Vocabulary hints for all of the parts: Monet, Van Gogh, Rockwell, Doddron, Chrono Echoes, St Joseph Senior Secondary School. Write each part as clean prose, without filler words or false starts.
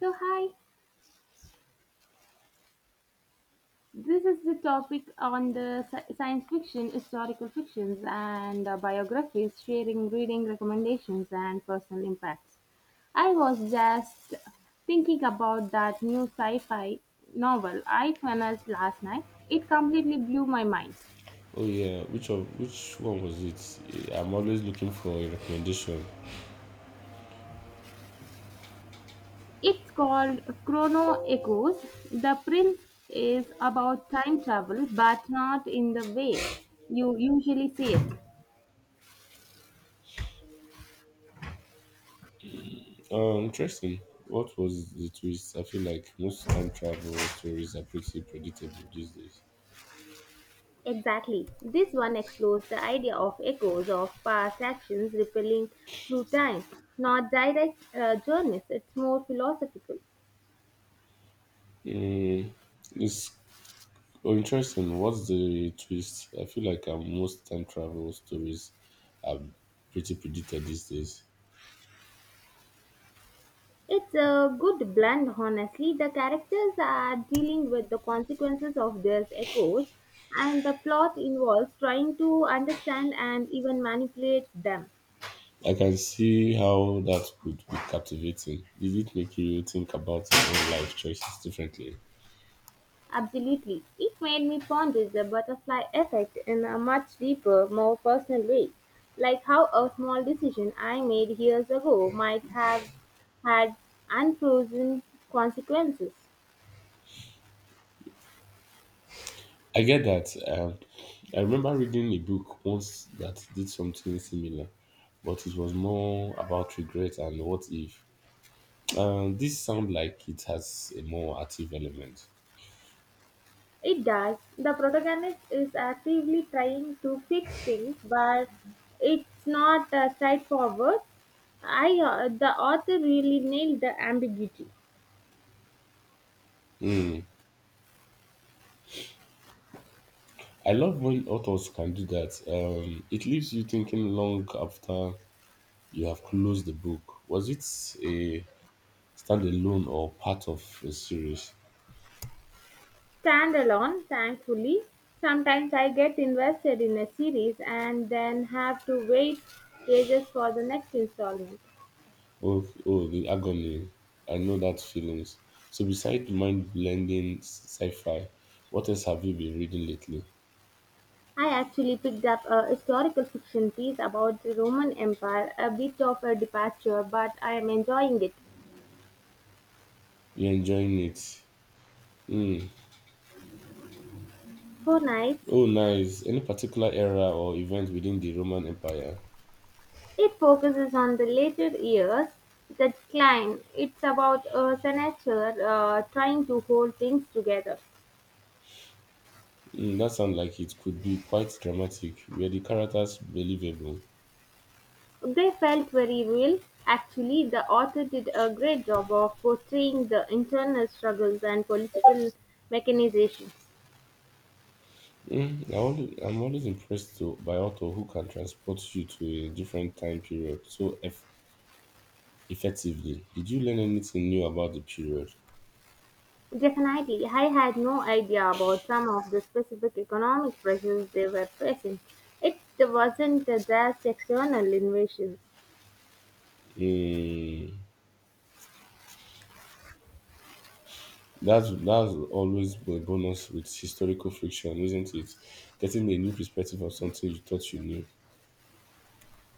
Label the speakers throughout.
Speaker 1: So, hi, this is the topic on the science fiction, historical fictions, and biographies, sharing reading recommendations, and personal impacts. I was just thinking about that new sci fi novel I finished last night. It completely blew my mind.
Speaker 2: Oh yeah, which one was it? I'm always looking for a recommendation.
Speaker 1: It's called Chrono Echoes. The Prince is about time travel, but not in the way you usually see it.
Speaker 2: Interesting. What was the twist? I feel like most time travel stories are pretty predictable these days.
Speaker 1: Exactly. This one explores the idea of echoes of past actions rippling through time. Not direct journeys, it's more philosophical.
Speaker 2: Mm, it's Oh, interesting. What's the twist? I feel like most time travel stories are pretty predicted these days.
Speaker 1: It's a good blend, honestly. The characters are dealing with the consequences of their echoes, and the plot involves trying to understand and even manipulate them.
Speaker 2: I can see how that could be captivating. Did it make you think about your own life choices differently?
Speaker 1: Absolutely. It made me ponder the butterfly effect in a much deeper, more personal way. Like how a small decision I made years ago might have had unfrozen consequences.
Speaker 2: I get that. I remember reading a book once that did something similar, but it was more about regret and what if. This sounds like it has a more active element.
Speaker 1: It does. The protagonist is actively trying to fix things, but it's not straightforward. The author really nailed the ambiguity.
Speaker 2: Hmm. I love when authors can do that. It leaves you thinking long after you have closed the book. Was it a standalone or part of a series?
Speaker 1: Stand alone, thankfully. Sometimes I get invested in a series and then have to wait ages for the next installment.
Speaker 2: Oh, the agony. I know that feelings. So beside mind-blending sci-fi, what else have you been reading lately?
Speaker 1: I actually picked up a historical fiction piece about the Roman Empire, a bit of a departure, but I am enjoying it.
Speaker 2: You're enjoying it. Hmm.
Speaker 1: For nights,
Speaker 2: Oh, nice. Any particular era or event within the Roman Empire?
Speaker 1: it focuses on the later years, the decline. It's about a senator trying to hold things together.
Speaker 2: Mm, that sounds like it could be quite dramatic. Were the characters believable?
Speaker 1: They felt very real; actually, the author did a great job of portraying the internal struggles and political machinations.
Speaker 2: I'm always impressed to, by author who can transport you to a different time period so effectively. Did you learn anything new about the period?
Speaker 1: Definitely, I had no idea about some of the specific economic pressures they were facing. It wasn't just external invasions.
Speaker 2: Mm. That's always a bonus with historical friction, isn't it? Getting a new perspective on something you thought you knew.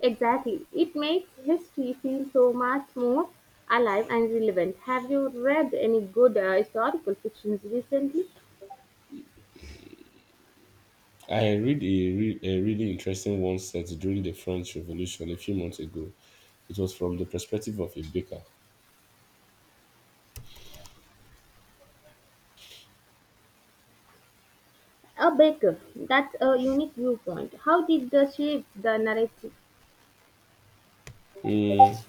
Speaker 1: Exactly. It makes history feel so much more alive and relevant. Have you read any good historical fictions recently?
Speaker 2: I read a really interesting one set during the French Revolution a few months ago. It was from the perspective of a baker.
Speaker 1: A baker. That's a unique viewpoint. How did the shape the narrative?
Speaker 2: Mm,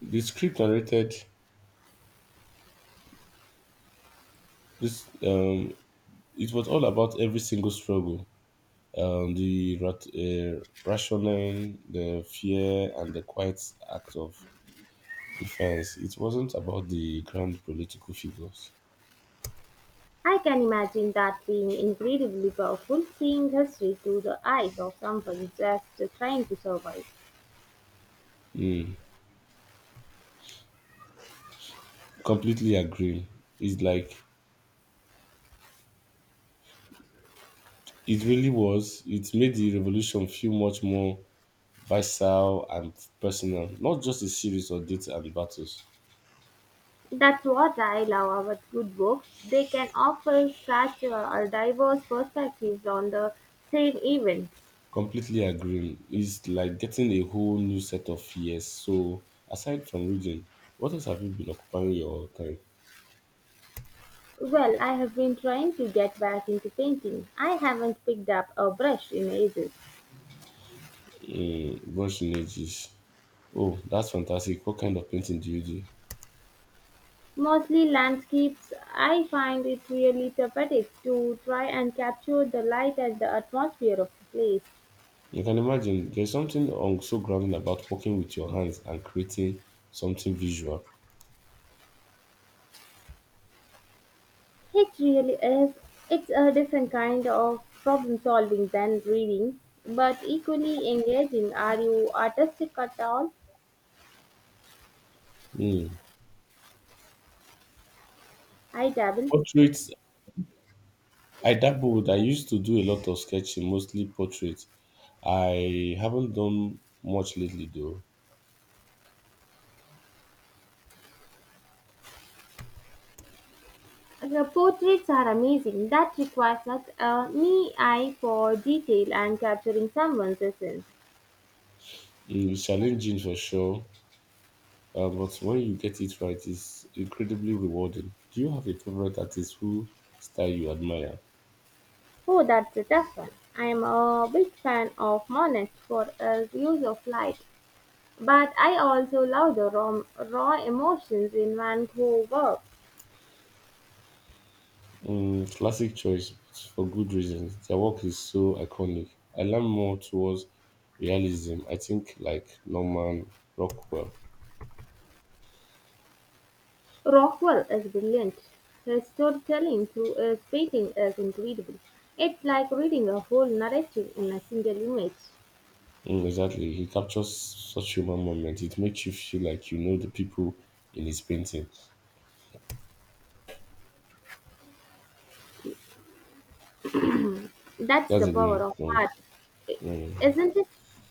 Speaker 2: the script narrated this. It was all about every single struggle, rationing, the fear, and the quiet act of defense. It wasn't about the grand political figures.
Speaker 1: I can imagine that being incredibly powerful, seeing history through the eyes of someone just trying to survive.
Speaker 2: Mm. Completely agree. It's like it really was. It made the revolution feel much more visceral and personal, not just a series of dates and battles.
Speaker 1: That's what I love about good books. They can offer such a diverse perspectives on the same event.
Speaker 2: Completely agree. It's like getting a whole new set of fears. So, aside from reading, what else have you been occupying your time?
Speaker 1: Well, I have been trying to get back into painting. I haven't picked up a brush in ages.
Speaker 2: Mm, brushing edges. Oh, that's fantastic. What kind of painting do?
Speaker 1: Mostly landscapes, I find it really therapeutic to try and capture the light and the atmosphere of the place.
Speaker 2: You can imagine there's something so grounding about working with your hands and creating something visual.
Speaker 1: It really is. It's a different kind of problem solving than reading, but equally engaging. Are you artistic at all?
Speaker 2: Mm.
Speaker 1: I dabble.
Speaker 2: Portraits I dabbled. I used to do a lot of sketching, mostly portraits. I haven't done much lately though.
Speaker 1: The portraits are amazing. That requires such a me eye for detail and capturing someone's essence.
Speaker 2: Mm, it's challenging for sure, but when you get it right, it's incredibly rewarding. Do you have a favorite artist who style you admire?
Speaker 1: Oh, that's a tough one. I am a big fan of Monet for his use of light. But I also love the raw emotions in Van Gogh work.
Speaker 2: Mm, classic choice, but for good reasons. Their work is so iconic. I lean more towards realism. I think like Norman Rockwell.
Speaker 1: Rockwell is brilliant. His storytelling through his painting is incredible. It's like reading a whole narrative in a single image.
Speaker 2: Mm, exactly. He captures such human moment. It makes you feel like you know the people in his painting.
Speaker 1: That's the
Speaker 2: That's a
Speaker 1: power
Speaker 2: good
Speaker 1: of
Speaker 2: point.
Speaker 1: art,
Speaker 2: Mm.
Speaker 1: isn't it?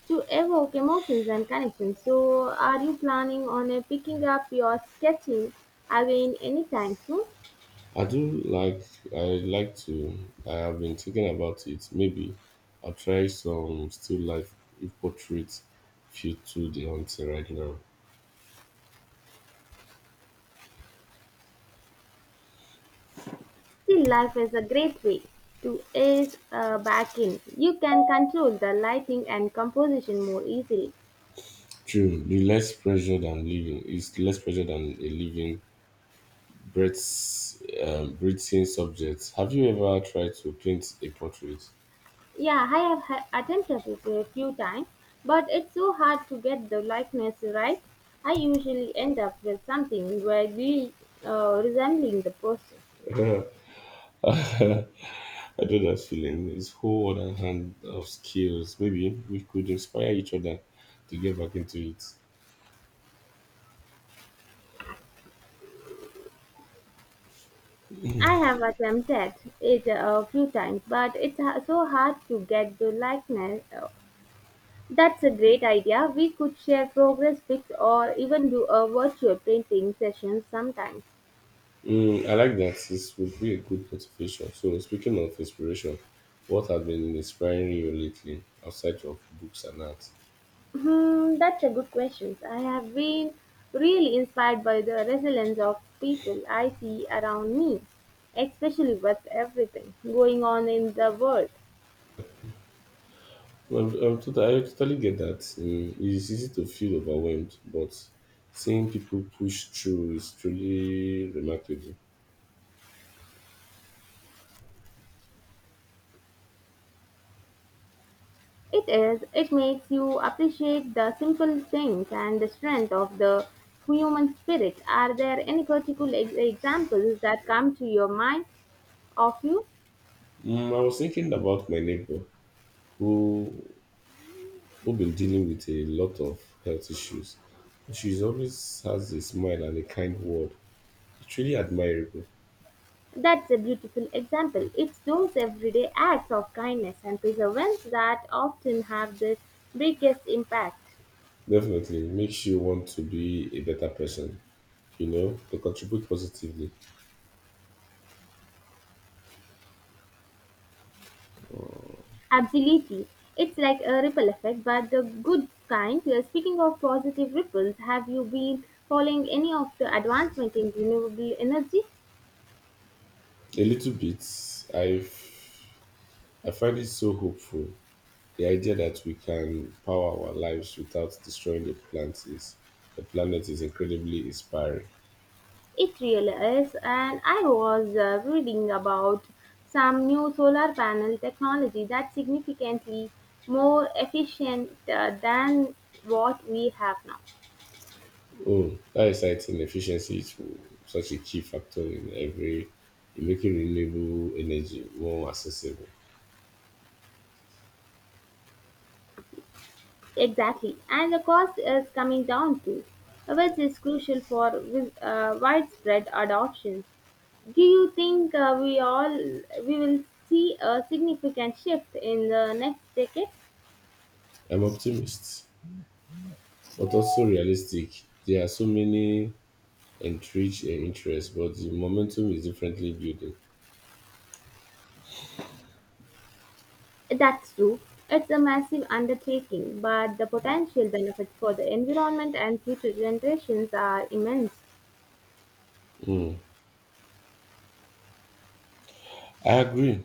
Speaker 1: To evoke emotions and connections. So, are you planning on picking up your sketching again anytime soon?
Speaker 2: I do like. I like to. I have been thinking about it. Maybe I'll try some still life if portraits feel too daunting right now.
Speaker 1: See, life is a great way to ease back in. You can control the lighting and composition more easily.
Speaker 2: True. The less pressure than living is less pressure than a living breathing subject. Have you ever tried to paint a portrait?
Speaker 1: Yeah, I have attempted it a few times, but it's so hard to get the likeness right. I usually end up with something vaguely resembling the person.
Speaker 2: I know that feeling. It's whole other hand of skills. Maybe we could inspire each other to get back into it.
Speaker 1: I have attempted it a few times, but it's so hard to get the likeness that's a great idea. We could share progress pics or even do a virtual painting session sometime.
Speaker 2: Mm, I like that. This would be a good motivation. So, speaking of inspiration, what has been inspiring you lately outside of books and art?
Speaker 1: Hmm, that's a good question. I have been really inspired by the resilience of people I see around me, especially with everything going on in the world.
Speaker 2: Well, I totally get that. Mm, it's easy to feel overwhelmed, but seeing people push through is truly remarkable.
Speaker 1: It is, it makes you appreciate the simple things and the strength of the human spirit. Are there any particular examples that come to your mind of you?
Speaker 2: Mm, I was thinking about my neighbor who who been dealing with a lot of health issues. She always has a smile and a kind word. It's really admirable.
Speaker 1: That's a beautiful example. It's those everyday acts of kindness and perseverance that often have the biggest impact.
Speaker 2: Definitely makes you want to be a better person, you know, to contribute positively.
Speaker 1: Absolutely. It's like a ripple effect, but the good kind. Speaking of positive ripples, have you been following any of the advancement in renewable energy?
Speaker 2: A little bit. i've I find it so hopeful. The idea that we can power our lives without destroying the planet is incredibly inspiring.
Speaker 1: It really is, and I was reading about some new solar panel technology that's significantly more efficient than what we have now.
Speaker 2: Oh, that exciting efficiency is such a key factor in making renewable energy more accessible.
Speaker 1: Exactly, and the cost is coming down too, which is crucial for widespread adoption. Do you think we will see a significant shift in the next decade?
Speaker 2: I'm optimist, but also realistic. There are so many entrenched interests, but the momentum is differently building.
Speaker 1: That's true. It's a massive undertaking, but the potential benefits for the environment and future generations are immense.
Speaker 2: Mm, I agree.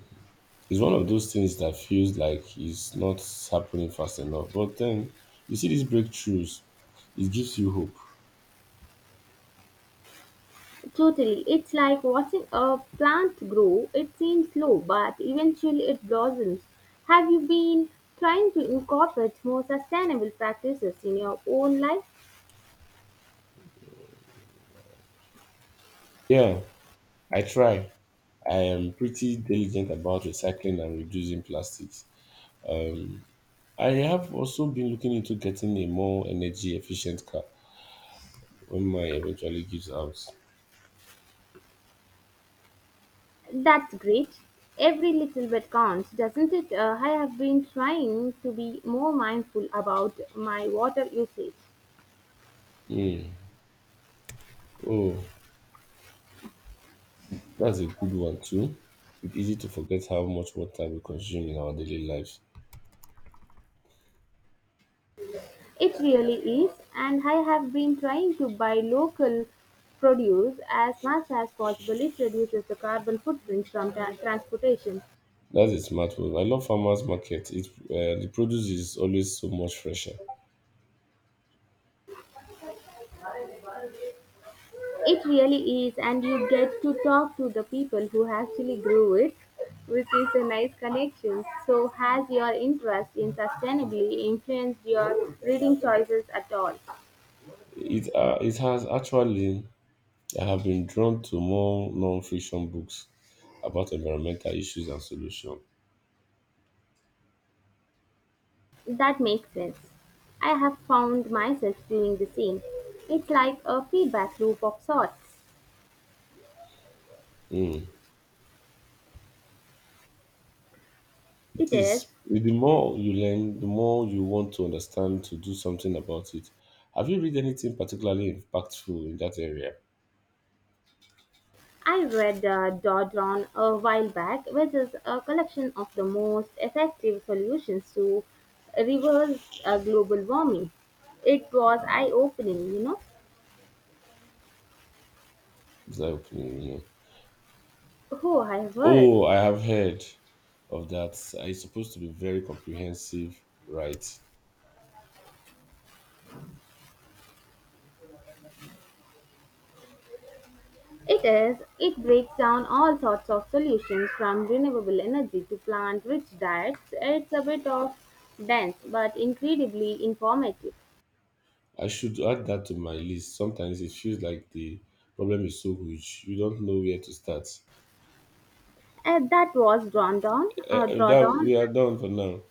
Speaker 2: It's one of those things that feels like it's not happening fast enough. But then you see these breakthroughs, it gives you hope.
Speaker 1: Totally. It's like watching a plant grow. It seems slow, but eventually it blossoms. Have you been trying to incorporate more sustainable practices in your own life?
Speaker 2: Yeah, I try. I am pretty diligent about recycling and reducing plastics. Um, I have also been looking into getting a more energy efficient car when mine eventually gives out.
Speaker 1: That's great. Every little bit counts, doesn't it? I have been trying to be more mindful about my water usage.
Speaker 2: Hmm. Oh, that's a good one too. It's easy to forget how much water we consume in our daily lives.
Speaker 1: It really is, and I have been trying to buy local produce as much as possible. It reduces the carbon footprint from transportation.
Speaker 2: That's a smart move. I love farmers market. It The produce is always so much fresher.
Speaker 1: It really is, and you get to talk to the people who actually grew it, which is a nice connection. So, has your interest in sustainability influenced your reading choices at all?
Speaker 2: It has actually I have been drawn to more non-fiction books about environmental issues and solutions.
Speaker 1: That makes sense. I have found myself doing the same. It's like a feedback loop of sorts.
Speaker 2: Hmm.
Speaker 1: It
Speaker 2: It
Speaker 1: is,
Speaker 2: is. The more you learn, the more you want to understand to do something about it. Have you read anything particularly impactful in that area?
Speaker 1: I read Doddron a while back, which is a collection of the most effective solutions to reverse global warming. It was eye opening, you know.
Speaker 2: Is that opening, you know?
Speaker 1: Oh, I heard.
Speaker 2: Oh, I have heard of that. It's supposed to be very comprehensive, right?
Speaker 1: It is. It breaks down all sorts of solutions from renewable energy to plant rich diets. It's a bit of dense but incredibly informative.
Speaker 2: I should add that to my list. Sometimes it feels like the problem is so huge, you don't know where to start.
Speaker 1: And that was drawn down, uh, drawn
Speaker 2: That
Speaker 1: down
Speaker 2: we are done for now.